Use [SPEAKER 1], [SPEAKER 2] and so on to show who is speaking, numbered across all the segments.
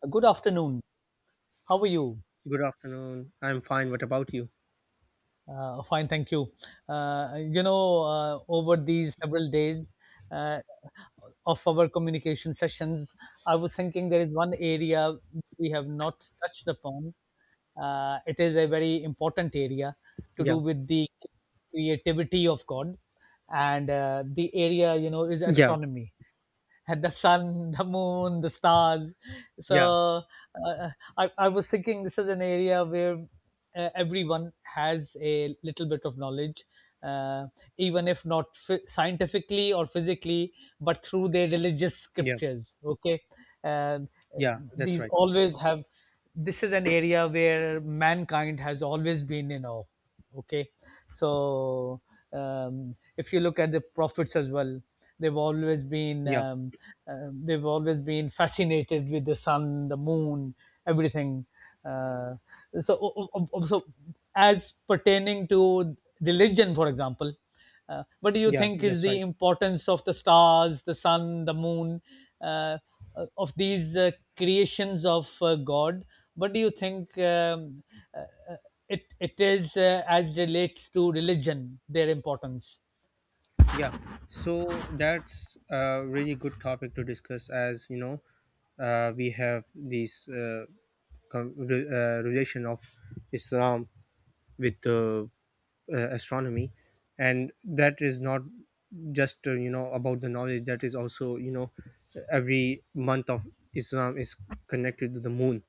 [SPEAKER 1] Good afternoon. How are you?
[SPEAKER 2] Good afternoon. I'm fine. What about you?
[SPEAKER 1] Fine, thank you. Over these several days uh, of our communication sessions, I was thinking there is one area we have not touched upon. It is a very important area to do
[SPEAKER 2] Yeah.
[SPEAKER 1] with the creativity of God, and the area is
[SPEAKER 2] Yeah.
[SPEAKER 1] astronomy, had the sun, the moon, the stars.
[SPEAKER 2] Yeah.
[SPEAKER 1] So uh, I was thinking this is an area where everyone has a little bit of knowledge, uh, even if not scientifically or physically, but through their religious
[SPEAKER 2] Yeah.
[SPEAKER 1] scriptures. Okay. And
[SPEAKER 2] Yeah. That's
[SPEAKER 1] these
[SPEAKER 2] right.
[SPEAKER 1] always have, this is an area where mankind has always been in awe. Okay. So if you look at the prophets as well, they've always been
[SPEAKER 2] Yeah.
[SPEAKER 1] um, they've always been fascinated with the sun, the moon, everything. uh, so so as pertaining to religion, for example, what do you
[SPEAKER 2] Yeah.
[SPEAKER 1] think is
[SPEAKER 2] That's
[SPEAKER 1] the
[SPEAKER 2] right.
[SPEAKER 1] importance of the stars, the sun, the moon, uh, of these creations of God? What do you think uh, it is, as relates to religion, their importance?
[SPEAKER 2] Yeah. So that's a really good topic to discuss, as you know, we have this relation of Islam with the astronomy, and that is not just you know about the knowledge. That is also, you know, every month of Islam is connected to the moon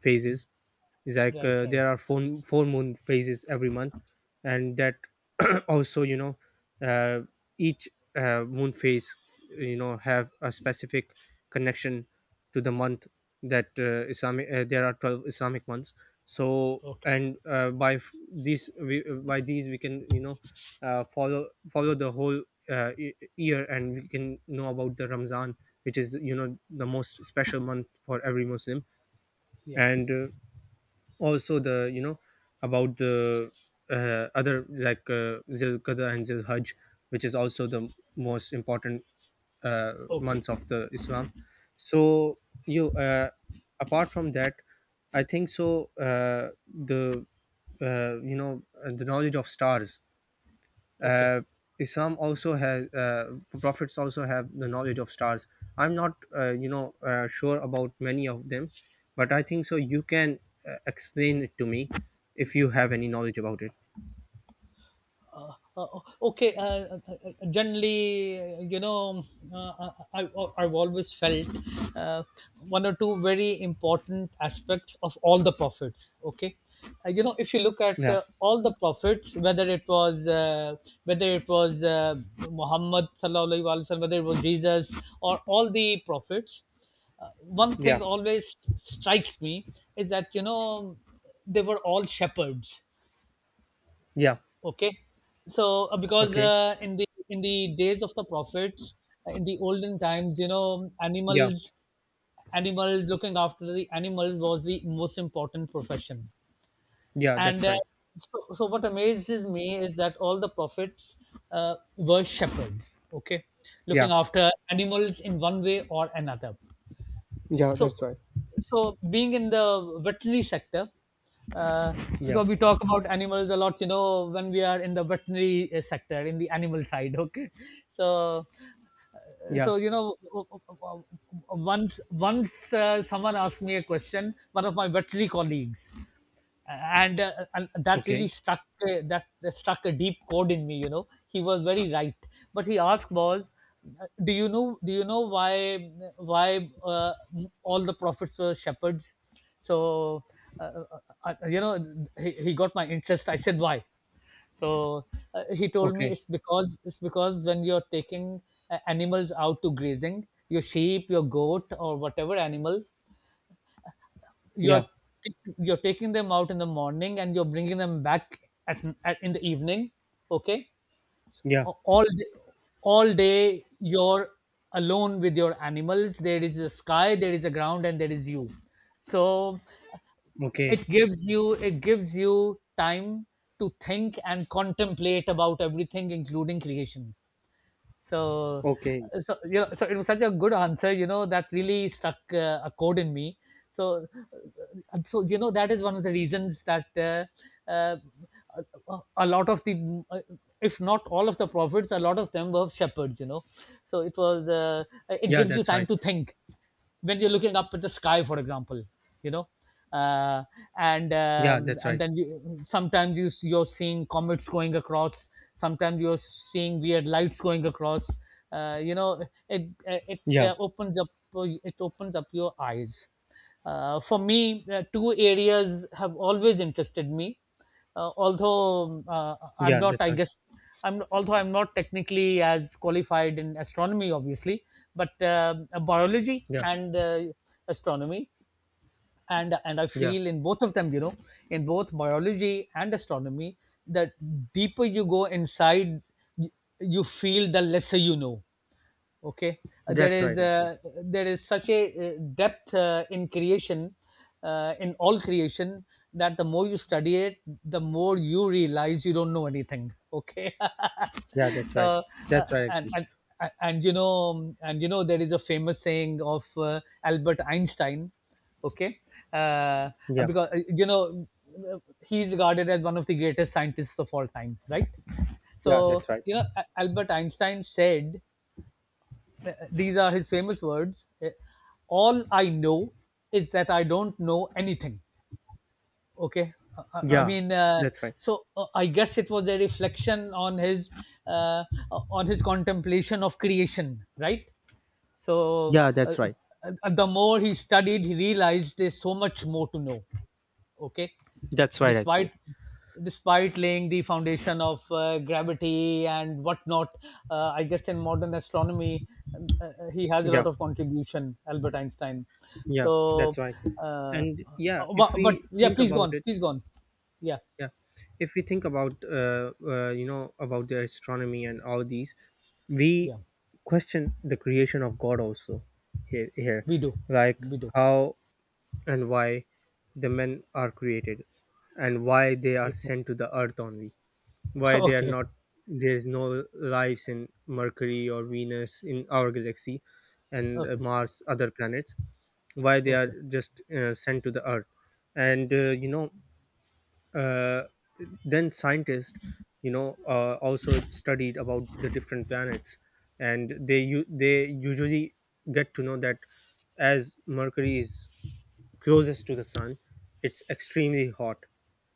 [SPEAKER 2] phases. It's like
[SPEAKER 1] Right, right.
[SPEAKER 2] there are four moon phases every month, and that also, you know, uh, each moon phase, you know, have a specific connection to the month. That islamic there are 12 Islamic months. So,
[SPEAKER 1] Okay.
[SPEAKER 2] and by these we can, you know, follow the whole year, and we can know about the Ramzan, which is, you know, the most special month for every Muslim.
[SPEAKER 1] Yeah.
[SPEAKER 2] And also the, you know, about the other, like Zilqada and Zilhajj, which is also the most important uh,
[SPEAKER 1] Okay.
[SPEAKER 2] months of the Islam. So you apart from that, I think so the the knowledge of stars,
[SPEAKER 1] Okay.
[SPEAKER 2] uh, Islam also has prophets also have the knowledge of stars. I'm not sure about many of them, but I think so. You can explain it to me if you have any knowledge about it.
[SPEAKER 1] Uh, uh, okay. Generally, uh, I've always felt uh, one or two very important aspects of all the prophets. Okay. If you look at
[SPEAKER 2] Yeah,
[SPEAKER 1] all the prophets, whether it was whether it was uh, Muhammad sallallahu alaihi wasallam, whether it was Jesus, or all the prophets, one
[SPEAKER 2] yeah,
[SPEAKER 1] thing always strikes me is that, they were all shepherds.
[SPEAKER 2] yeah.
[SPEAKER 1] Okay. So because,
[SPEAKER 2] Okay.
[SPEAKER 1] in the days of the prophets, in the olden times,
[SPEAKER 2] Yeah,
[SPEAKER 1] animals, looking after the animals, was the most important profession.
[SPEAKER 2] yeah.
[SPEAKER 1] And
[SPEAKER 2] That's right.
[SPEAKER 1] so what amazes me is that all the prophets were shepherds, okay,
[SPEAKER 2] Yeah,
[SPEAKER 1] looking after animals in one way or another.
[SPEAKER 2] yeah.
[SPEAKER 1] so
[SPEAKER 2] That's right.
[SPEAKER 1] so being in the veterinary sector, uh,
[SPEAKER 2] Yeah,
[SPEAKER 1] because we talk about animals a lot, you know, when we are in the veterinary sector, in the animal side, okay. So,
[SPEAKER 2] yeah.
[SPEAKER 1] so you know once someone asked me a question, one of my veterinary colleagues, and that really
[SPEAKER 2] Okay.
[SPEAKER 1] stuck, that struck a deep chord in me, you know. He was very right. But he asked was, do you know, why, why uh, all the prophets were shepherds? So he got my interest. I said why. So he told me,
[SPEAKER 2] Okay.
[SPEAKER 1] it's because, when you're taking animals out to grazing, your sheep, your goat, or whatever animal, you're
[SPEAKER 2] Yeah,
[SPEAKER 1] you're taking them out in the morning and you're bringing them back at, at in the evening. Okay.
[SPEAKER 2] yeah.
[SPEAKER 1] A- all day, all day you're alone with your animals. There is the sky, there is a ground, and there is you. So,
[SPEAKER 2] Okay.
[SPEAKER 1] it gives you time to think and contemplate about everything, including creation. So,
[SPEAKER 2] Okay.
[SPEAKER 1] so it was such a good answer, you know, that really stuck a chord in me So that is one of the reasons that a lot of the, uh, if not all of the prophets, a lot of them were shepherds, you know. So it was it
[SPEAKER 2] Yeah,
[SPEAKER 1] gives you
[SPEAKER 2] that's right.
[SPEAKER 1] time to think when you're looking up at the sky, for example, you know. uh, and
[SPEAKER 2] Yeah,
[SPEAKER 1] um,
[SPEAKER 2] that's
[SPEAKER 1] and
[SPEAKER 2] right.
[SPEAKER 1] then sometimes you're seeing comets going across, sometimes you're seeing weird lights going across, uh, you know it it
[SPEAKER 2] Yeah,
[SPEAKER 1] uh, opens up it opens up your eyes. For me, two areas have always interested me. Although I'm
[SPEAKER 2] yeah.
[SPEAKER 1] not,
[SPEAKER 2] That's
[SPEAKER 1] I
[SPEAKER 2] right.
[SPEAKER 1] guess, I'm although I'm not technically as qualified in astronomy, obviously, but biology
[SPEAKER 2] Yeah,
[SPEAKER 1] and astronomy, and I
[SPEAKER 2] yeah.
[SPEAKER 1] feel in both of them, you know, in both biology and astronomy, that deeper you go inside, you, you feel the lesser you know. Okay.
[SPEAKER 2] That's right. Actually.
[SPEAKER 1] There is such a depth in creation, in all creation, that the more you study it, the more you realize you don't know anything. Okay.
[SPEAKER 2] Yeah, that's right.
[SPEAKER 1] Uh,
[SPEAKER 2] That's right.
[SPEAKER 1] and,
[SPEAKER 2] Actually.
[SPEAKER 1] and and there is a famous saying of Albert Einstein. Okay. uh,
[SPEAKER 2] Yeah.
[SPEAKER 1] because, he's regarded as one of the greatest scientists of all time, right?
[SPEAKER 2] Yeah,
[SPEAKER 1] So,
[SPEAKER 2] that's right.
[SPEAKER 1] Albert Einstein said, these are his famous words. All I know is that I don't know anything. Okay. I
[SPEAKER 2] Yeah,
[SPEAKER 1] mean,
[SPEAKER 2] that's right.
[SPEAKER 1] so I guess it was a reflection on his, uh, on his contemplation of creation, right? So
[SPEAKER 2] Yeah, that's right.
[SPEAKER 1] the more he studied, he realized there's so much more to know. Okay.
[SPEAKER 2] That's right. Actually.
[SPEAKER 1] Despite despite laying the foundation of gravity and whatnot, I guess in modern astronomy he has a
[SPEAKER 2] Yeah.
[SPEAKER 1] lot of contribution, Albert Einstein.
[SPEAKER 2] Yeah,
[SPEAKER 1] So
[SPEAKER 2] that's right.
[SPEAKER 1] uh,
[SPEAKER 2] And yeah, if
[SPEAKER 1] but
[SPEAKER 2] we
[SPEAKER 1] yeah,
[SPEAKER 2] think
[SPEAKER 1] please go
[SPEAKER 2] about
[SPEAKER 1] on,
[SPEAKER 2] it,
[SPEAKER 1] please go on. Yeah.
[SPEAKER 2] yeah, if we think about you know about the astronomy and all these, we
[SPEAKER 1] Yeah,
[SPEAKER 2] question the creation of God also here,
[SPEAKER 1] we do,
[SPEAKER 2] like
[SPEAKER 1] we do.
[SPEAKER 2] how and why the men are created, and why they are sent to the earth only, why they are
[SPEAKER 1] Okay.
[SPEAKER 2] not, there is no lives in Mercury or Venus in our galaxy, and
[SPEAKER 1] Okay.
[SPEAKER 2] Mars, other planets. Why they are
[SPEAKER 1] Okay.
[SPEAKER 2] just sent to the earth? And you know uh, then scientists, you know, also studied about the different planets, and they usually get to know that as Mercury is closest to the sun, it's extremely hot,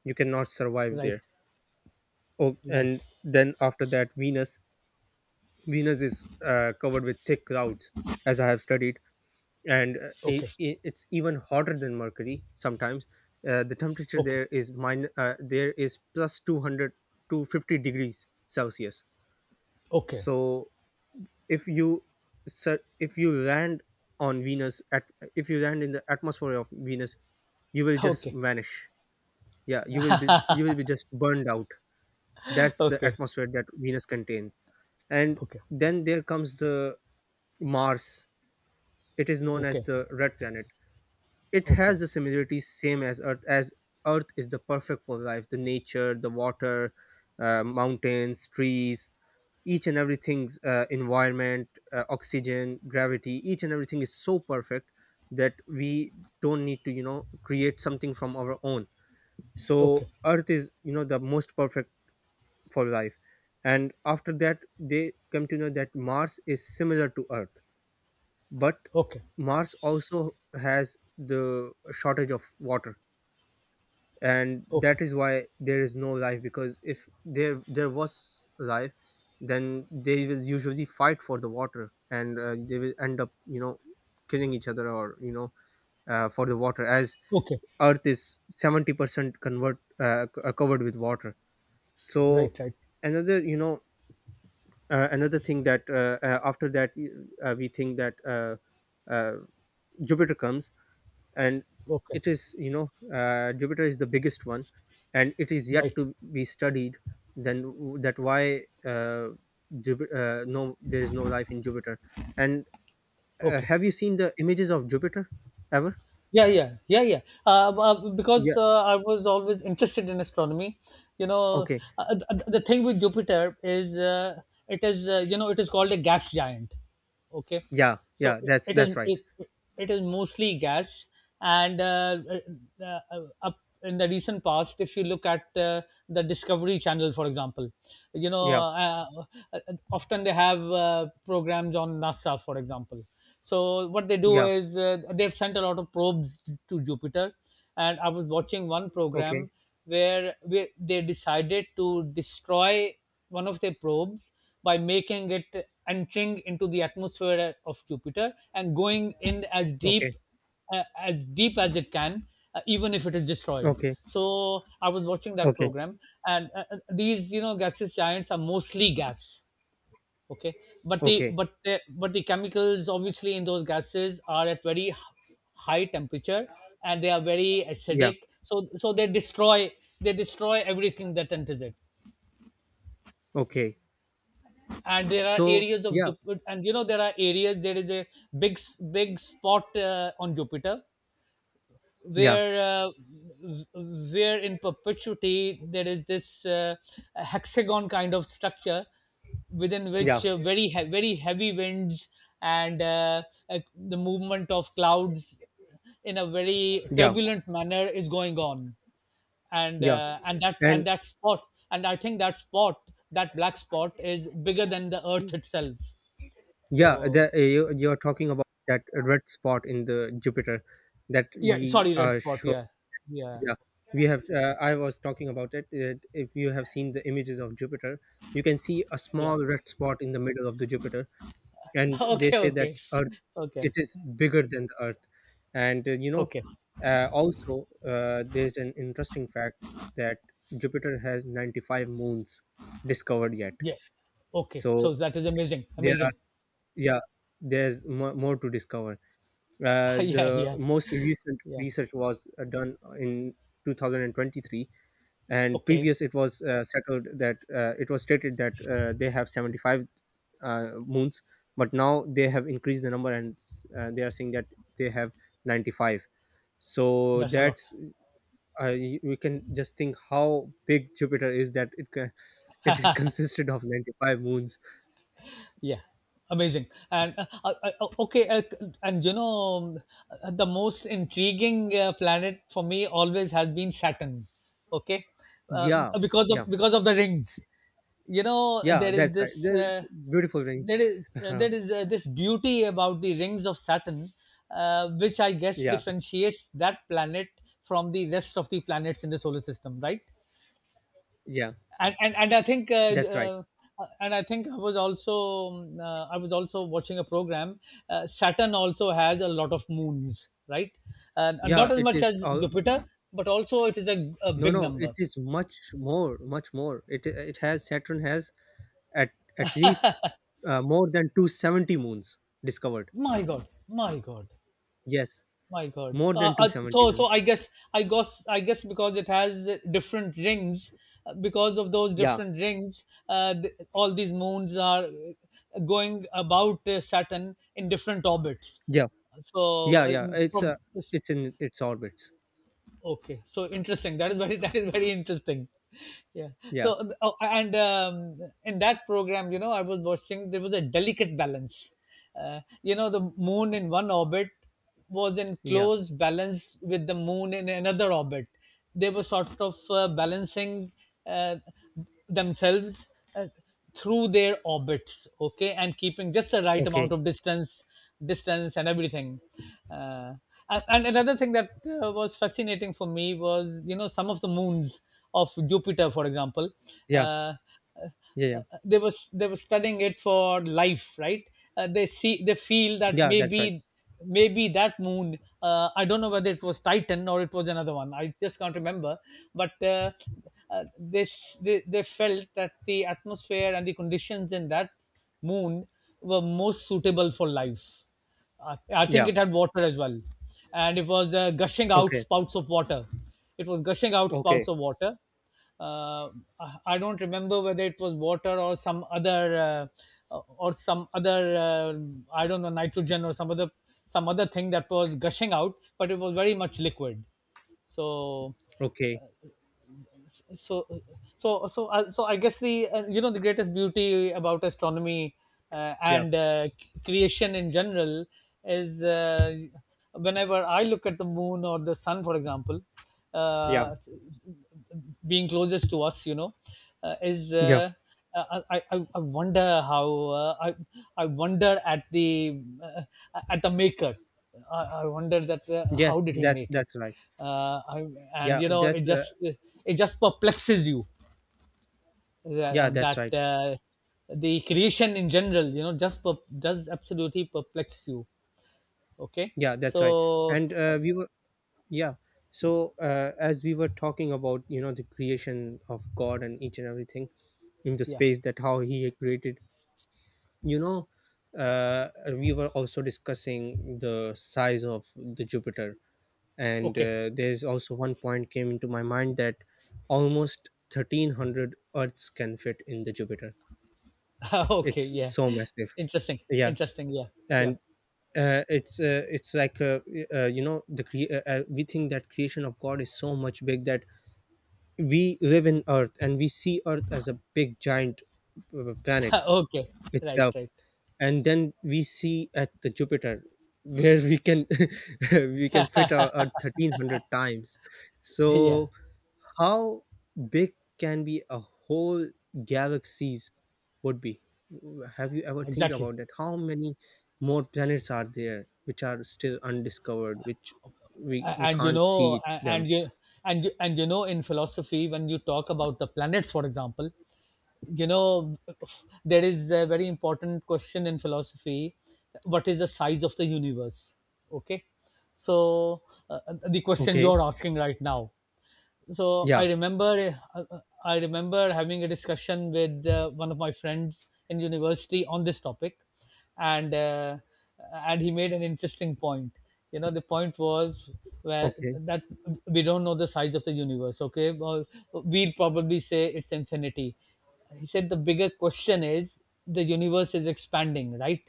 [SPEAKER 2] you cannot survive
[SPEAKER 1] Right,
[SPEAKER 2] there. Oh,
[SPEAKER 1] right.
[SPEAKER 2] and then after that, Venus. Venus is covered with thick clouds, as I have studied, and
[SPEAKER 1] Okay.
[SPEAKER 2] I it's even hotter than Mercury sometimes. The temperature
[SPEAKER 1] Okay.
[SPEAKER 2] there is plus 200 to 50 degrees Celsius.
[SPEAKER 1] Okay.
[SPEAKER 2] So if you, sir, if you land on Venus at if you land in the atmosphere of Venus, you will just
[SPEAKER 1] Okay.
[SPEAKER 2] vanish. Yeah, you will be just burned out. That's the
[SPEAKER 1] Okay.
[SPEAKER 2] atmosphere that Venus contains. And
[SPEAKER 1] Okay. Okay.
[SPEAKER 2] then there comes the Mars. It is known as
[SPEAKER 1] Okay.
[SPEAKER 2] the red planet. It
[SPEAKER 1] Okay.
[SPEAKER 2] has the
[SPEAKER 1] Okay.
[SPEAKER 2] similarities same as earth. As Earth is the perfect for life, the nature, the water, mountains, trees, each and everything's environment, oxygen, gravity, each and everything is so perfect that we don't need to, you know, create something from our own. So
[SPEAKER 1] Okay.
[SPEAKER 2] Earth is, you know, the most perfect for life. And after that, they come to know that Mars is similar to Earth, but
[SPEAKER 1] Okay.
[SPEAKER 2] Mars also has the shortage of water, and
[SPEAKER 1] Okay.
[SPEAKER 2] that is why there is no life. Because if there was life, then they will usually fight for the water, and they will end up, you know, killing each other, or you know for the water, as
[SPEAKER 1] Okay.
[SPEAKER 2] Earth is 70% covered with water. So
[SPEAKER 1] Right, right.
[SPEAKER 2] another, you know, another thing that after that we think that uh, Jupiter comes, and
[SPEAKER 1] Okay.
[SPEAKER 2] it is, you know, Jupiter is the biggest one, and it is yet
[SPEAKER 1] Right.
[SPEAKER 2] to be studied. Then w- that why Jupiter, no, there is no life in Jupiter. And
[SPEAKER 1] Okay.
[SPEAKER 2] have you seen the images of Jupiter ever?
[SPEAKER 1] Yeah, yeah, yeah, yeah.
[SPEAKER 2] Yeah.
[SPEAKER 1] Because I was always interested in astronomy. You know,
[SPEAKER 2] Okay.
[SPEAKER 1] the thing with Jupiter is, it is, it is called a gas giant. Okay,
[SPEAKER 2] Yeah,
[SPEAKER 1] so
[SPEAKER 2] yeah,
[SPEAKER 1] it
[SPEAKER 2] that's
[SPEAKER 1] it
[SPEAKER 2] that's
[SPEAKER 1] is
[SPEAKER 2] right.
[SPEAKER 1] it, it is mostly gas, and uh, up in the recent past, if you look at the Discovery Channel, for example, you know,
[SPEAKER 2] Yeah,
[SPEAKER 1] uh, often they have programs on NASA, for example. So what they do
[SPEAKER 2] yeah.
[SPEAKER 1] is, they've sent a lot of probes to Jupiter, and I was watching one
[SPEAKER 2] Okay,
[SPEAKER 1] program where they decided to destroy one of their probes by making it entering into the atmosphere of Jupiter and going in as
[SPEAKER 2] okay.
[SPEAKER 1] deep, as deep as it can, even if it is destroyed.
[SPEAKER 2] Okay,
[SPEAKER 1] So I was watching that
[SPEAKER 2] okay.
[SPEAKER 1] program, and these, you know, gaseous giants are mostly gas. Okay. But
[SPEAKER 2] Okay.
[SPEAKER 1] the chemicals, obviously, in those gases are at very high temperature, and they are very
[SPEAKER 2] Yeah.
[SPEAKER 1] acidic. So they destroy everything that enters it.
[SPEAKER 2] Okay.
[SPEAKER 1] And there are
[SPEAKER 2] So
[SPEAKER 1] areas of
[SPEAKER 2] yeah.
[SPEAKER 1] Jupiter, and you know there are areas. There is a big spot on Jupiter,
[SPEAKER 2] Yeah,
[SPEAKER 1] where uh, where in perpetuity there is this hexagon kind of structure, within
[SPEAKER 2] yeah,
[SPEAKER 1] which very heavy winds and, the movement of clouds in a very
[SPEAKER 2] yeah,
[SPEAKER 1] turbulent manner, is going on. And
[SPEAKER 2] yeah, and
[SPEAKER 1] and that spot, and I think that spot, that black spot, is bigger than the Earth itself.
[SPEAKER 2] yeah,
[SPEAKER 1] So
[SPEAKER 2] you're talking about that red spot in the Jupiter, that
[SPEAKER 1] yeah,
[SPEAKER 2] we
[SPEAKER 1] sorry, red
[SPEAKER 2] are
[SPEAKER 1] spot,
[SPEAKER 2] sure.
[SPEAKER 1] yeah. Yeah.
[SPEAKER 2] Yeah, we have. I was talking about it. If you have seen the images of Jupiter, you can see a
[SPEAKER 1] Yeah.
[SPEAKER 2] small red spot in the middle of the Jupiter, and they
[SPEAKER 1] Okay.
[SPEAKER 2] say that
[SPEAKER 1] Okay.
[SPEAKER 2] Earth, it
[SPEAKER 1] Okay.
[SPEAKER 2] is bigger than the Earth. And you know,
[SPEAKER 1] Okay.
[SPEAKER 2] also there's an interesting fact that Jupiter has 95 moons discovered yet.
[SPEAKER 1] Yeah. Okay.
[SPEAKER 2] So
[SPEAKER 1] So that is amazing.
[SPEAKER 2] there are,
[SPEAKER 1] Amazing.
[SPEAKER 2] yeah, there's more, more to discover.
[SPEAKER 1] Yeah.
[SPEAKER 2] The
[SPEAKER 1] Yeah.
[SPEAKER 2] most recent
[SPEAKER 1] Yeah.
[SPEAKER 2] research was done in 2023, and
[SPEAKER 1] Okay.
[SPEAKER 2] previous it was settled that it was stated that they have 75 moons, but now they have increased the number, and they are saying that they have 95. So
[SPEAKER 1] That's a lot.
[SPEAKER 2] that's we can just think how big Jupiter is, that it can, it is consisted of 95 moons.
[SPEAKER 1] Yeah. Amazing. And okay. And you know, the most intriguing planet for me always has been Saturn. Okay. Uh,
[SPEAKER 2] Yeah.
[SPEAKER 1] because of
[SPEAKER 2] Yeah.
[SPEAKER 1] because of the rings. You know,
[SPEAKER 2] Yeah, that's right. The beautiful rings.
[SPEAKER 1] there is, this beauty about the rings of Saturn, which I guess
[SPEAKER 2] Yeah,
[SPEAKER 1] differentiates that planet from the rest of the planets in the solar system, right?
[SPEAKER 2] yeah,
[SPEAKER 1] And I think,
[SPEAKER 2] that's right.
[SPEAKER 1] uh, I was also I was also watching a program. Saturn also has a lot of moons, right? And
[SPEAKER 2] Yeah,
[SPEAKER 1] not as
[SPEAKER 2] it
[SPEAKER 1] much
[SPEAKER 2] is.
[SPEAKER 1] as Jupiter, but also it is a
[SPEAKER 2] No,
[SPEAKER 1] big
[SPEAKER 2] no, it
[SPEAKER 1] number.
[SPEAKER 2] is much more, much more. It has Saturn has at at least more than 270 moons discovered.
[SPEAKER 1] My God. My God.
[SPEAKER 2] Yes,
[SPEAKER 1] My God.
[SPEAKER 2] more than two seventy
[SPEAKER 1] So
[SPEAKER 2] moons.
[SPEAKER 1] I guess because it has different rings, because of those
[SPEAKER 2] Yeah,
[SPEAKER 1] different rings, all these moons are going about Saturn in different orbits.
[SPEAKER 2] yeah,
[SPEAKER 1] So
[SPEAKER 2] yeah, yeah.
[SPEAKER 1] from
[SPEAKER 2] It's in its orbits.
[SPEAKER 1] okay, so interesting, that is very that is very interesting. Yeah.
[SPEAKER 2] Yeah,
[SPEAKER 1] So oh, and in that program, you know, I was watching, there was a delicate balance, you know, the moon in one orbit was in
[SPEAKER 2] yeah.
[SPEAKER 1] close balance with the moon in another orbit. They were sort of balancing uh, themselves uh, through their orbits, okay, and keeping just the right amount
[SPEAKER 2] Okay.
[SPEAKER 1] of distance and everything. uh, and another thing that was fascinating for me was, you know, some of the moons of Jupiter, for example,
[SPEAKER 2] Yeah,
[SPEAKER 1] uh,
[SPEAKER 2] yeah, yeah.
[SPEAKER 1] they were studying it for life, right? They feel that
[SPEAKER 2] Yeah, that's right.
[SPEAKER 1] maybe, that moon, I don't know whether it was Titan or it was another one, I just can't remember. But uh, they felt that the atmosphere and the conditions in that moon were most suitable for life. I think
[SPEAKER 2] Yeah.
[SPEAKER 1] it had water as well, and it was gushing out
[SPEAKER 2] Okay.
[SPEAKER 1] spouts of water. It was gushing out spouts
[SPEAKER 2] Okay.
[SPEAKER 1] of water. Uh, I don't remember whether it was water or some other I don't know, nitrogen or some other thing that was gushing out, but it was very much liquid. So
[SPEAKER 2] Okay.
[SPEAKER 1] so so I guess the the greatest beauty about astronomy,
[SPEAKER 2] Yeah.
[SPEAKER 1] and creation in general, is whenever I look at the moon or the sun, for example,
[SPEAKER 2] Yeah.
[SPEAKER 1] uh, being closest to us, you know is
[SPEAKER 2] Yeah.
[SPEAKER 1] I wonder how, uh, I, I wonder at the, at the maker. I wonder that, how
[SPEAKER 2] Yes,
[SPEAKER 1] did he
[SPEAKER 2] that
[SPEAKER 1] make it?
[SPEAKER 2] that's right.
[SPEAKER 1] uh, I, and
[SPEAKER 2] Yeah,
[SPEAKER 1] you know, it
[SPEAKER 2] that's uh,
[SPEAKER 1] just perplexes you, that,
[SPEAKER 2] yeah, that's right.
[SPEAKER 1] the creation in general, just does absolutely perplex you. Okay.
[SPEAKER 2] Yeah, that's right.
[SPEAKER 1] So,
[SPEAKER 2] And we were yeah. So as we were talking about, you know, the creation of God and each and everything in the
[SPEAKER 1] yeah.
[SPEAKER 2] space, that how He had created, you know, uh, we were also discussing the size of the Jupiter, and
[SPEAKER 1] Okay.
[SPEAKER 2] there's also one point came into my mind, that almost 1,300 Earths can fit in the Jupiter.
[SPEAKER 1] Okay,
[SPEAKER 2] It's
[SPEAKER 1] yeah.
[SPEAKER 2] so massive.
[SPEAKER 1] Interesting.
[SPEAKER 2] Yeah.
[SPEAKER 1] Interesting, yeah. Yeah.
[SPEAKER 2] And it's like you know, we think that creation of God is so much big, that we live in Earth, and we see Earth as a big giant planet
[SPEAKER 1] Okay. Right,
[SPEAKER 2] itself.
[SPEAKER 1] right.
[SPEAKER 2] And then we see at the Jupiter, where we can we can fit our 1300 times.
[SPEAKER 1] Yeah.
[SPEAKER 2] So how big can be a whole galaxies would be? Have you ever think
[SPEAKER 1] Exactly.
[SPEAKER 2] about that, how many more planets are there which are still undiscovered, which we
[SPEAKER 1] A-
[SPEAKER 2] we
[SPEAKER 1] and you
[SPEAKER 2] can't
[SPEAKER 1] know
[SPEAKER 2] see
[SPEAKER 1] a-
[SPEAKER 2] them?
[SPEAKER 1] and you in philosophy, when you talk about the planets, for example, you know there is a very important question in philosophy: what is the size of the universe? Okay. So, the question
[SPEAKER 2] Okay.
[SPEAKER 1] you're asking right now. so
[SPEAKER 2] Yeah.
[SPEAKER 1] i remember uh, i remember having a discussion with, one of my friends in university on this topic, and uh, and he made an interesting point. You know, the point was, where
[SPEAKER 2] Okay.
[SPEAKER 1] that we don't know the size of the universe. Okay, well, we'll probably say it's infinity. He said the bigger question is, the universe is expanding, right?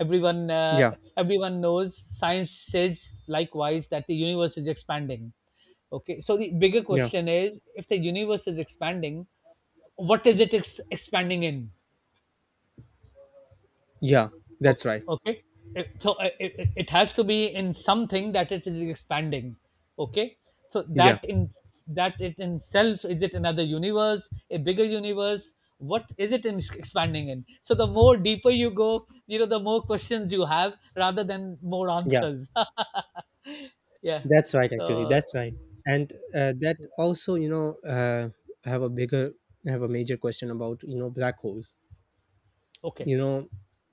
[SPEAKER 1] everyone uh,
[SPEAKER 2] Yeah.
[SPEAKER 1] Everyone knows, science says likewise, that the universe is expanding. Okay, so the bigger
[SPEAKER 2] Yeah.
[SPEAKER 1] question is, if the universe is expanding, what is it expanding in?
[SPEAKER 2] Yeah. That's
[SPEAKER 1] Okay,
[SPEAKER 2] right.
[SPEAKER 1] okay. It has to be in something that it is expanding. Okay, so
[SPEAKER 2] Yeah.
[SPEAKER 1] that in, that it in self, is it another universe, a bigger universe? What is it in expanding in? So the more deeper you go, the more questions you have rather than more
[SPEAKER 2] Yeah.
[SPEAKER 1] answers. Yeah.
[SPEAKER 2] That's right, actually.
[SPEAKER 1] So.
[SPEAKER 2] That's right. And that also, you know, I have a bigger, I have a major question about, you know, black holes.
[SPEAKER 1] Okay,
[SPEAKER 2] You know,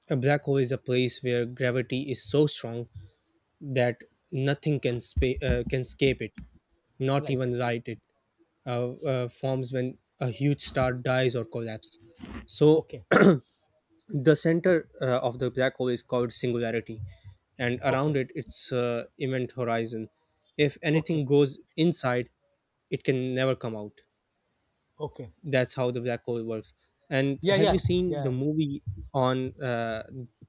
[SPEAKER 2] a black hole is a place where gravity is so strong that nothing can can escape it, not
[SPEAKER 1] right.
[SPEAKER 2] even light. It forms when a huge star dies or collapses. So
[SPEAKER 1] Okay,
[SPEAKER 2] the center of the black hole is called singularity, and around
[SPEAKER 1] okay,
[SPEAKER 2] it, it's event horizon. If
[SPEAKER 1] okay,
[SPEAKER 2] anything goes inside, it can never come out.
[SPEAKER 1] okay.
[SPEAKER 2] That's how the black hole works. And
[SPEAKER 1] Yeah,
[SPEAKER 2] have
[SPEAKER 1] yeah,
[SPEAKER 2] you seen the
[SPEAKER 1] yeah.
[SPEAKER 2] movie on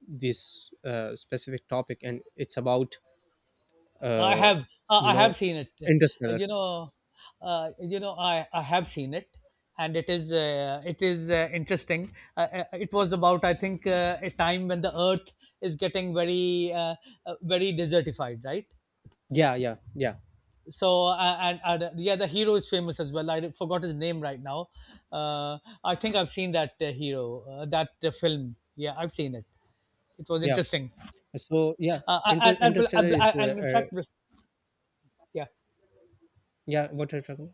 [SPEAKER 2] this specific topic, and it's about
[SPEAKER 1] i
[SPEAKER 2] uh,
[SPEAKER 1] have uh,
[SPEAKER 2] you
[SPEAKER 1] i
[SPEAKER 2] know,
[SPEAKER 1] have seen it. Uh,
[SPEAKER 2] Interstellar?
[SPEAKER 1] you know I have seen it, and it is, interesting. It was about, I think, a time when the earth is getting very desertified, right?
[SPEAKER 2] Yeah, yeah, yeah,
[SPEAKER 1] So and yeah, the hero is famous as well. I forgot his name right now. uh, I think I've seen that, hero that film. Yeah, I've seen it. It was
[SPEAKER 2] yeah.
[SPEAKER 1] interesting.
[SPEAKER 2] So yeah,
[SPEAKER 1] uh, and,
[SPEAKER 2] Interstellar
[SPEAKER 1] and,
[SPEAKER 2] is
[SPEAKER 1] and in fact, yeah,
[SPEAKER 2] yeah, what are you talking?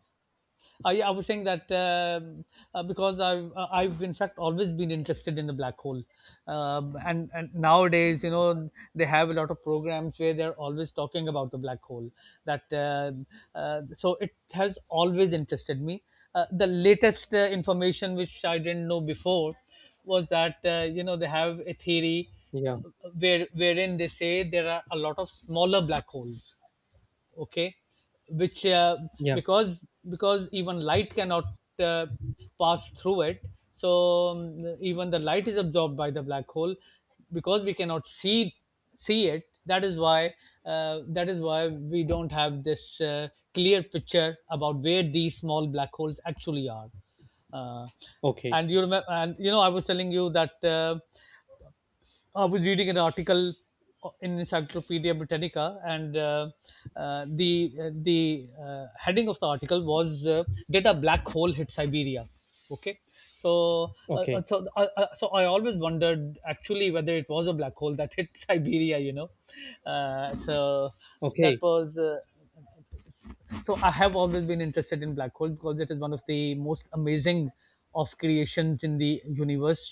[SPEAKER 1] I was saying that, because I've in fact always been interested in the black hole, and nowadays, you know they have a lot of programs where they're always talking about the black hole. That So it has always interested me. The latest information, which I didn't know before, was that, they have a theory
[SPEAKER 2] Yeah,
[SPEAKER 1] uh, wherein they say there are a lot of smaller black holes. Okay, which
[SPEAKER 2] yeah.
[SPEAKER 1] because, even light cannot uh, pass through it. So, even the light is absorbed by the black hole. Because we cannot see it, that is why we don't have this, clear picture about where these small black holes actually are. uh,
[SPEAKER 2] Okay,
[SPEAKER 1] and you remember, and you know, I was telling you that, I was reading an article in Encyclopedia Britannica, and, the heading of the article was, "Did a black hole hit Siberia?" Okay,
[SPEAKER 2] okay.
[SPEAKER 1] so I always wondered actually whether it was a black hole that hit Siberia. You know, so that
[SPEAKER 2] Okay,
[SPEAKER 1] was. So I have always been interested in black hole, because it is one of the most amazing of creations in the universe.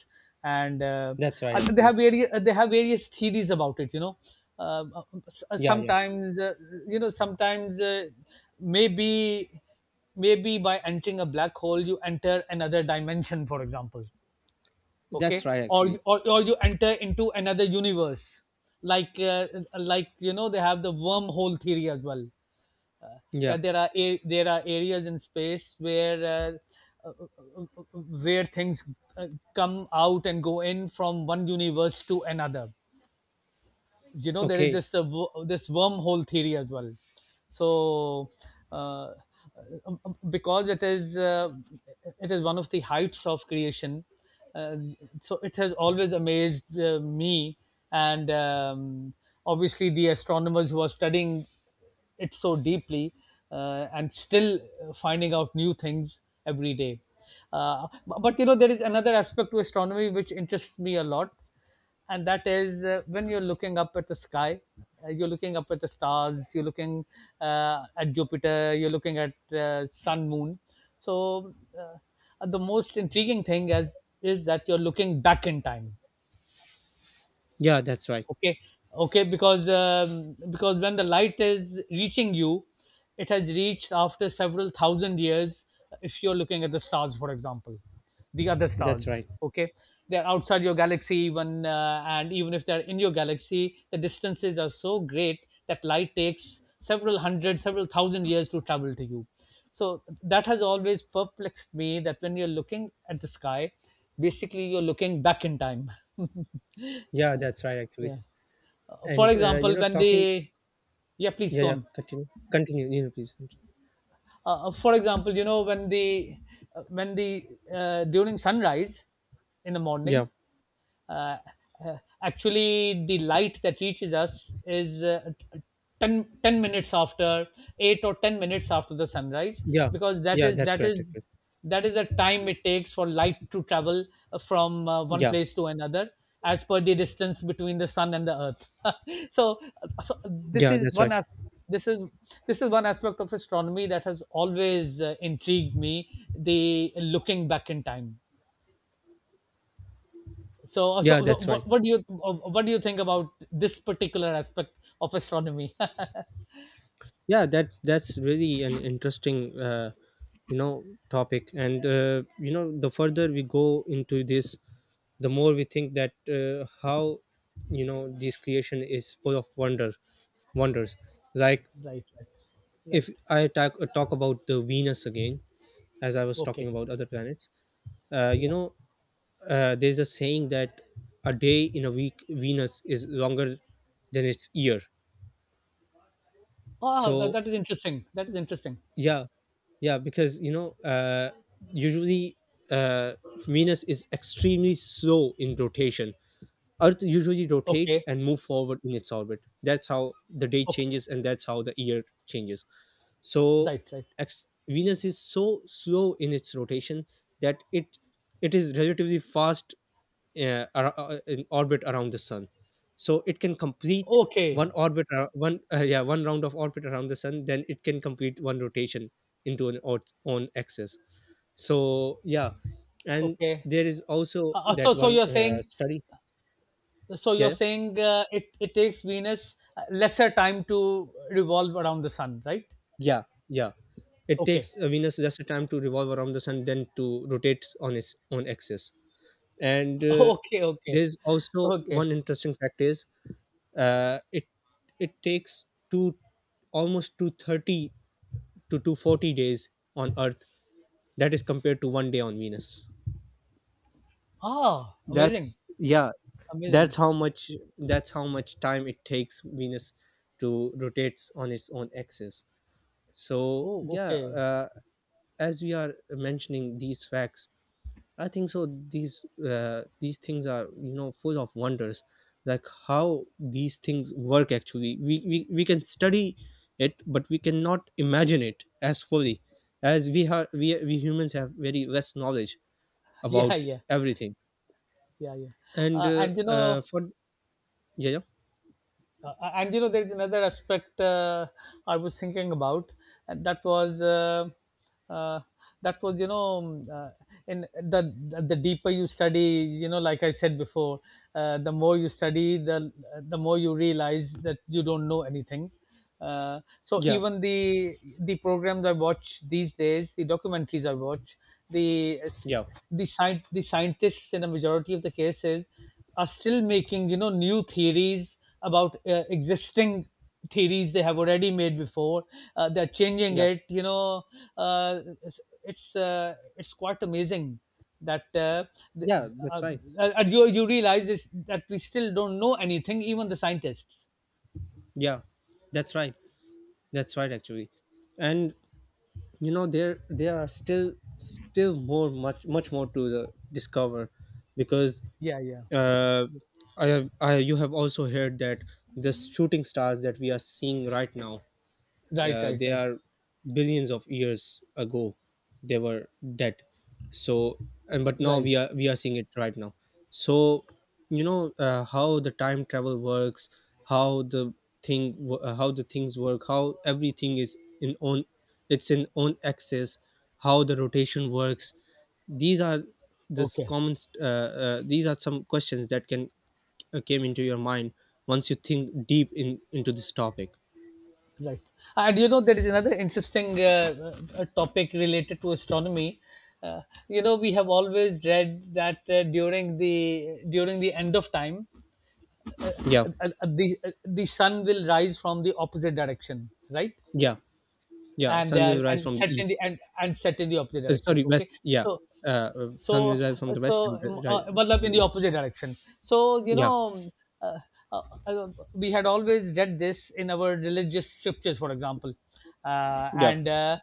[SPEAKER 1] And
[SPEAKER 2] that's right,
[SPEAKER 1] uh, they
[SPEAKER 2] actually.
[SPEAKER 1] have various uh, they have various theories about it, you know. uh, uh, um, s- uh,
[SPEAKER 2] Yeah, yeah.
[SPEAKER 1] sometimes uh, sometimes, maybe maybe by entering a black hole you enter another dimension, for example.
[SPEAKER 2] That's
[SPEAKER 1] Okay,
[SPEAKER 2] right, actually.
[SPEAKER 1] or you enter into another universe, like, like, you know, they have the wormhole theory as well. uh,
[SPEAKER 2] Yeah.
[SPEAKER 1] that there are, there are areas in space uh, uh, uh, where things, uh, come out and go in from one universe to another. You know, there is
[SPEAKER 2] Okay.
[SPEAKER 1] this, this wormhole theory as well. So uh, because it is, it is one of the heights of creation. uh, so it has always amazed, me, and, obviously the astronomers who are studying it so deeply, and still finding out new things every day. But there is another aspect to astronomy which interests me a lot, and that is, when you're looking up at the sky, you're looking up at the stars, you're looking, at Jupiter, you're looking at, sun, moon. So uh, the most intriguing thing, as is that you're looking back in time.
[SPEAKER 2] Yeah, that's right.
[SPEAKER 1] Okay, okay, because, when the light is reaching you, it has reached after several thousand years, if you're looking at the stars, for example, the other
[SPEAKER 2] That's
[SPEAKER 1] stars.
[SPEAKER 2] right.
[SPEAKER 1] Okay, they're outside your galaxy even, and even if they're in your galaxy, the distances are so great that light takes several hundred, several thousand years to travel to you. So that has always perplexed me, that when you're looking at the sky, basically you're looking back in time.
[SPEAKER 2] Yeah, that's right, actually.
[SPEAKER 1] Yeah. For
[SPEAKER 2] And you
[SPEAKER 1] example,
[SPEAKER 2] know,
[SPEAKER 1] when
[SPEAKER 2] talking.
[SPEAKER 1] the yeah, please
[SPEAKER 2] Yeah,
[SPEAKER 1] go
[SPEAKER 2] yeah,
[SPEAKER 1] on.
[SPEAKER 2] continue. Continue, you know, please.
[SPEAKER 1] For example, you know, when the during sunrise in the
[SPEAKER 2] Yeah.
[SPEAKER 1] morning, uh, uh, actually the light that reaches us is, 10, ten minutes after 8 or 10 minutes after the sunrise,
[SPEAKER 2] Yeah.
[SPEAKER 1] because
[SPEAKER 2] Yeah, that's correct, actually.
[SPEAKER 1] that is the time it takes for light to travel, from, one
[SPEAKER 2] Yeah.
[SPEAKER 1] place to another, as per the distance between the sun and the earth. so uh, so this
[SPEAKER 2] Yeah,
[SPEAKER 1] is
[SPEAKER 2] that's right.
[SPEAKER 1] one as this is this is one aspect of astronomy that has always, intrigued me, the looking back in time. so, so
[SPEAKER 2] Yeah,
[SPEAKER 1] so
[SPEAKER 2] that's right.
[SPEAKER 1] what do you think about this particular aspect of astronomy?
[SPEAKER 2] Yeah, that's really an interesting you know, topic. And you know, the further we go into this, the more we think that how, you know, this creation is full of wonders. Like,
[SPEAKER 1] Right, right,
[SPEAKER 2] if
[SPEAKER 1] right.
[SPEAKER 2] I talk about the Venus again, as I was talking
[SPEAKER 1] Okay,
[SPEAKER 2] about other planets, you
[SPEAKER 1] yeah.
[SPEAKER 2] know, there's a saying that a day in a week Venus is longer than its year.
[SPEAKER 1] Ah, that,
[SPEAKER 2] So
[SPEAKER 1] that is interesting. That is interesting.
[SPEAKER 2] yeah, yeah, because, you know, usually, uh Venus is extremely slow in rotation. Earth usually rotate
[SPEAKER 1] Okay,
[SPEAKER 2] and move forward in its orbit. That's how the day
[SPEAKER 1] okay.
[SPEAKER 2] changes and that's how the year changes. So,
[SPEAKER 1] Right, right.
[SPEAKER 2] Venus is so slow in its rotation, that it is relatively fast, in orbit around the sun. So it can complete
[SPEAKER 1] Okay,
[SPEAKER 2] one yeah, one round of orbit around the sun, then it can complete one rotation into an own axis. So yeah. And
[SPEAKER 1] okay.
[SPEAKER 2] there is also that
[SPEAKER 1] So,
[SPEAKER 2] one study.
[SPEAKER 1] so
[SPEAKER 2] Yeah,
[SPEAKER 1] you're
[SPEAKER 2] yeah,
[SPEAKER 1] saying, it takes Venus, lesser time to revolve around the sun, right?
[SPEAKER 2] yeah, yeah. It
[SPEAKER 1] Okay,
[SPEAKER 2] takes Venus less time to revolve around the sun than to rotate on its own axis. And
[SPEAKER 1] okay, okay,
[SPEAKER 2] there's also
[SPEAKER 1] okay.
[SPEAKER 2] one interesting fact, is uh, it it takes two, almost 230 to 240 days on earth, that is compared to one day on Venus.
[SPEAKER 1] Ah, amazing,
[SPEAKER 2] That's, yeah,
[SPEAKER 1] amazing.
[SPEAKER 2] that's how much, that's how much time it takes Venus to rotates on its own axis. So
[SPEAKER 1] Oh,
[SPEAKER 2] yeah.
[SPEAKER 1] okay.
[SPEAKER 2] Uh, as we are mentioning these facts, I think so. These things are, you know, full of wonders, like how these things work. Actually, we can study it, but we cannot imagine it as fully as we have. We humans have very less knowledge
[SPEAKER 1] Yeah,
[SPEAKER 2] about
[SPEAKER 1] yeah.
[SPEAKER 2] everything.
[SPEAKER 1] Yeah, yeah.
[SPEAKER 2] And
[SPEAKER 1] uh, and you know
[SPEAKER 2] for yeah, yeah,
[SPEAKER 1] and you know, there's another aspect, I was thinking about, and that was, uh, you know, in the deeper you study, you know, like I said before, the more you study, the more you realize that you don't know anything. So
[SPEAKER 2] yeah,
[SPEAKER 1] even the programs I watch these days, the documentaries I watch, the
[SPEAKER 2] yeah.
[SPEAKER 1] the scientists, in a majority of the cases, are still making, you know, new theories about, existing theories they have already made before. They're changing
[SPEAKER 2] Yeah.
[SPEAKER 1] it, you know. uh, it's it's quite amazing that, the-
[SPEAKER 2] Yeah. That's
[SPEAKER 1] uh,
[SPEAKER 2] right.
[SPEAKER 1] you realize this, that we still don't know anything, even the scientists.
[SPEAKER 2] Yeah, that's right. That's right. Actually, and you know there are still more, much much more to the discover. Because
[SPEAKER 1] Yeah, yeah.
[SPEAKER 2] uh, I have I you have also heard that the shooting stars that we are seeing right now,
[SPEAKER 1] Right, right,
[SPEAKER 2] they
[SPEAKER 1] right,
[SPEAKER 2] are billions of years ago they were dead. So, and but now
[SPEAKER 1] right.
[SPEAKER 2] we are seeing it right now. So you know how the time travel works, how how the things work, how everything is in own, it's in own axis, how the rotation works, these are this
[SPEAKER 1] Okay.
[SPEAKER 2] common these are some questions that can came into your mind once you think deep in into this topic.
[SPEAKER 1] Right. And you know, there is another interesting, topic related to astronomy. Uh, you know, we have always read that, during the end of time,
[SPEAKER 2] Yeah.
[SPEAKER 1] the sun will rise from the opposite direction, right?
[SPEAKER 2] Yeah. Yeah,
[SPEAKER 1] And
[SPEAKER 2] sun
[SPEAKER 1] uh,
[SPEAKER 2] will rise
[SPEAKER 1] and
[SPEAKER 2] from the
[SPEAKER 1] set in
[SPEAKER 2] east.
[SPEAKER 1] the and, and set in the opposite direction.
[SPEAKER 2] Sorry,
[SPEAKER 1] Okay,
[SPEAKER 2] west. Yeah,
[SPEAKER 1] so
[SPEAKER 2] sun will
[SPEAKER 1] so
[SPEAKER 2] rise from the
[SPEAKER 1] so
[SPEAKER 2] west and
[SPEAKER 1] um, uh,
[SPEAKER 2] rise
[SPEAKER 1] matlab
[SPEAKER 2] from
[SPEAKER 1] in
[SPEAKER 2] the
[SPEAKER 1] the
[SPEAKER 2] east.
[SPEAKER 1] opposite direction. so you
[SPEAKER 2] Yeah,
[SPEAKER 1] know um, uh, uh, uh, we had always read this in our religious scriptures, for example, uh,
[SPEAKER 2] yeah,
[SPEAKER 1] and uh,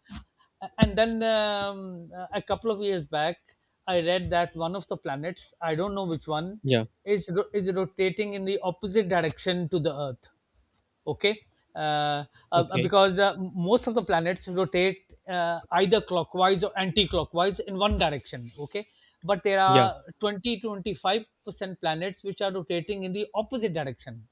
[SPEAKER 1] and then, a couple of years back, I read that one of the planets — I don't know which one —
[SPEAKER 2] yeah.
[SPEAKER 1] is rotating in the opposite direction to the earth. Okay, uh,
[SPEAKER 2] Okay,
[SPEAKER 1] because, most of the planets rotate, either clockwise or anti-clockwise in one direction. Okay, but there
[SPEAKER 2] yeah,
[SPEAKER 1] are 20 to 25% planets which are rotating in the opposite direction.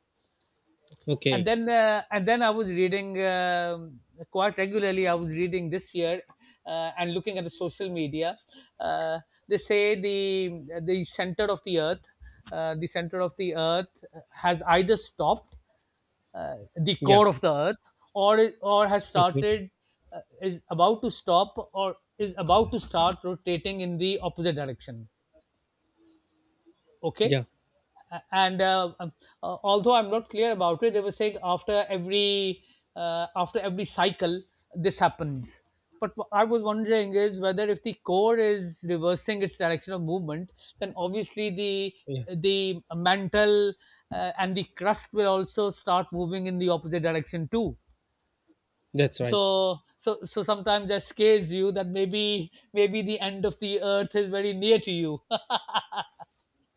[SPEAKER 1] Okay.
[SPEAKER 2] okay,
[SPEAKER 1] And then I was reading, quite regularly I was reading this year, and looking at the social media, uh, they say the center of the earth, uh, the center of the earth has either stopped, the
[SPEAKER 2] yeah,
[SPEAKER 1] core of the earth, or has
[SPEAKER 2] okay,
[SPEAKER 1] started, is about to stop or is about to start rotating in the opposite direction. Okay.
[SPEAKER 2] yeah,
[SPEAKER 1] A- and Although I'm not clear about it, they were saying after every, cycle this happens. But what I was wondering is whether, if the core is reversing its direction of movement, then obviously
[SPEAKER 2] yeah.
[SPEAKER 1] the mantle, and the crust will also start moving in the opposite direction too.
[SPEAKER 2] That's right.
[SPEAKER 1] So sometimes that scares you, that maybe the end of the earth is very near to you.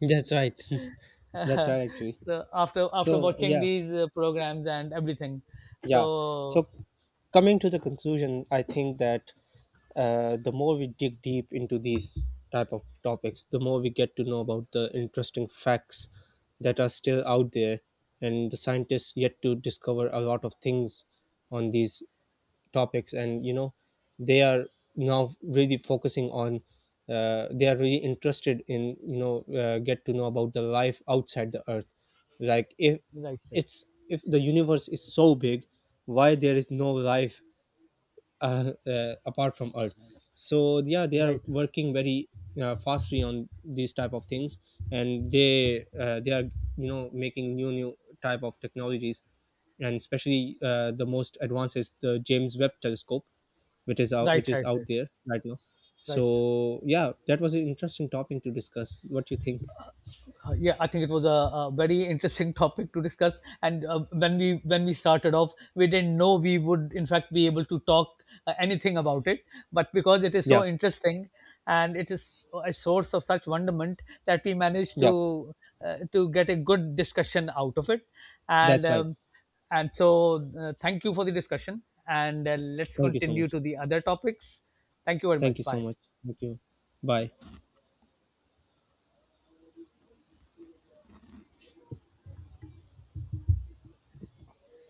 [SPEAKER 2] That's right. That's right. Actually,
[SPEAKER 1] So after
[SPEAKER 2] so
[SPEAKER 1] watching
[SPEAKER 2] yeah.
[SPEAKER 1] these, programs and everything.
[SPEAKER 2] Yeah.
[SPEAKER 1] So.
[SPEAKER 2] So, coming to the conclusion, I think that the more we dig deep into these type of topics, the more we get to know about the interesting facts that are still out there, and the scientists yet to discover a lot of things on these topics. And you know, they are now really focusing on they are really interested in, you know, get to know about the life outside the earth. Like, if
[SPEAKER 1] Right, right,
[SPEAKER 2] it's if the universe is so big, why there is no life apart from earth? So yeah, they are
[SPEAKER 1] right,
[SPEAKER 2] working very fastly on these type of things, and they are, you know, making new type of technologies. And especially the most advanced is the James Webb telescope,
[SPEAKER 1] right,
[SPEAKER 2] which is
[SPEAKER 1] right,
[SPEAKER 2] out
[SPEAKER 1] right,
[SPEAKER 2] there right now.
[SPEAKER 1] right.
[SPEAKER 2] So yeah, that was an interesting topic to discuss. What do you think?
[SPEAKER 1] Yeah, I think it was a very interesting topic to discuss, and when we started off, we didn't know we would in fact be able to talk, anything about it, but because it is
[SPEAKER 2] Yeah.
[SPEAKER 1] so interesting and it is a source of such wonderment that we managed
[SPEAKER 2] Yeah,
[SPEAKER 1] to, get a good discussion out of it. and
[SPEAKER 2] that's right.
[SPEAKER 1] um, and so uh, thank you for the discussion, and let's
[SPEAKER 2] Thank you so
[SPEAKER 1] continue
[SPEAKER 2] much.
[SPEAKER 1] to the other topics. Thank you very much.
[SPEAKER 2] Thank you so
[SPEAKER 1] Bye.
[SPEAKER 2] much. Thank you. Bye.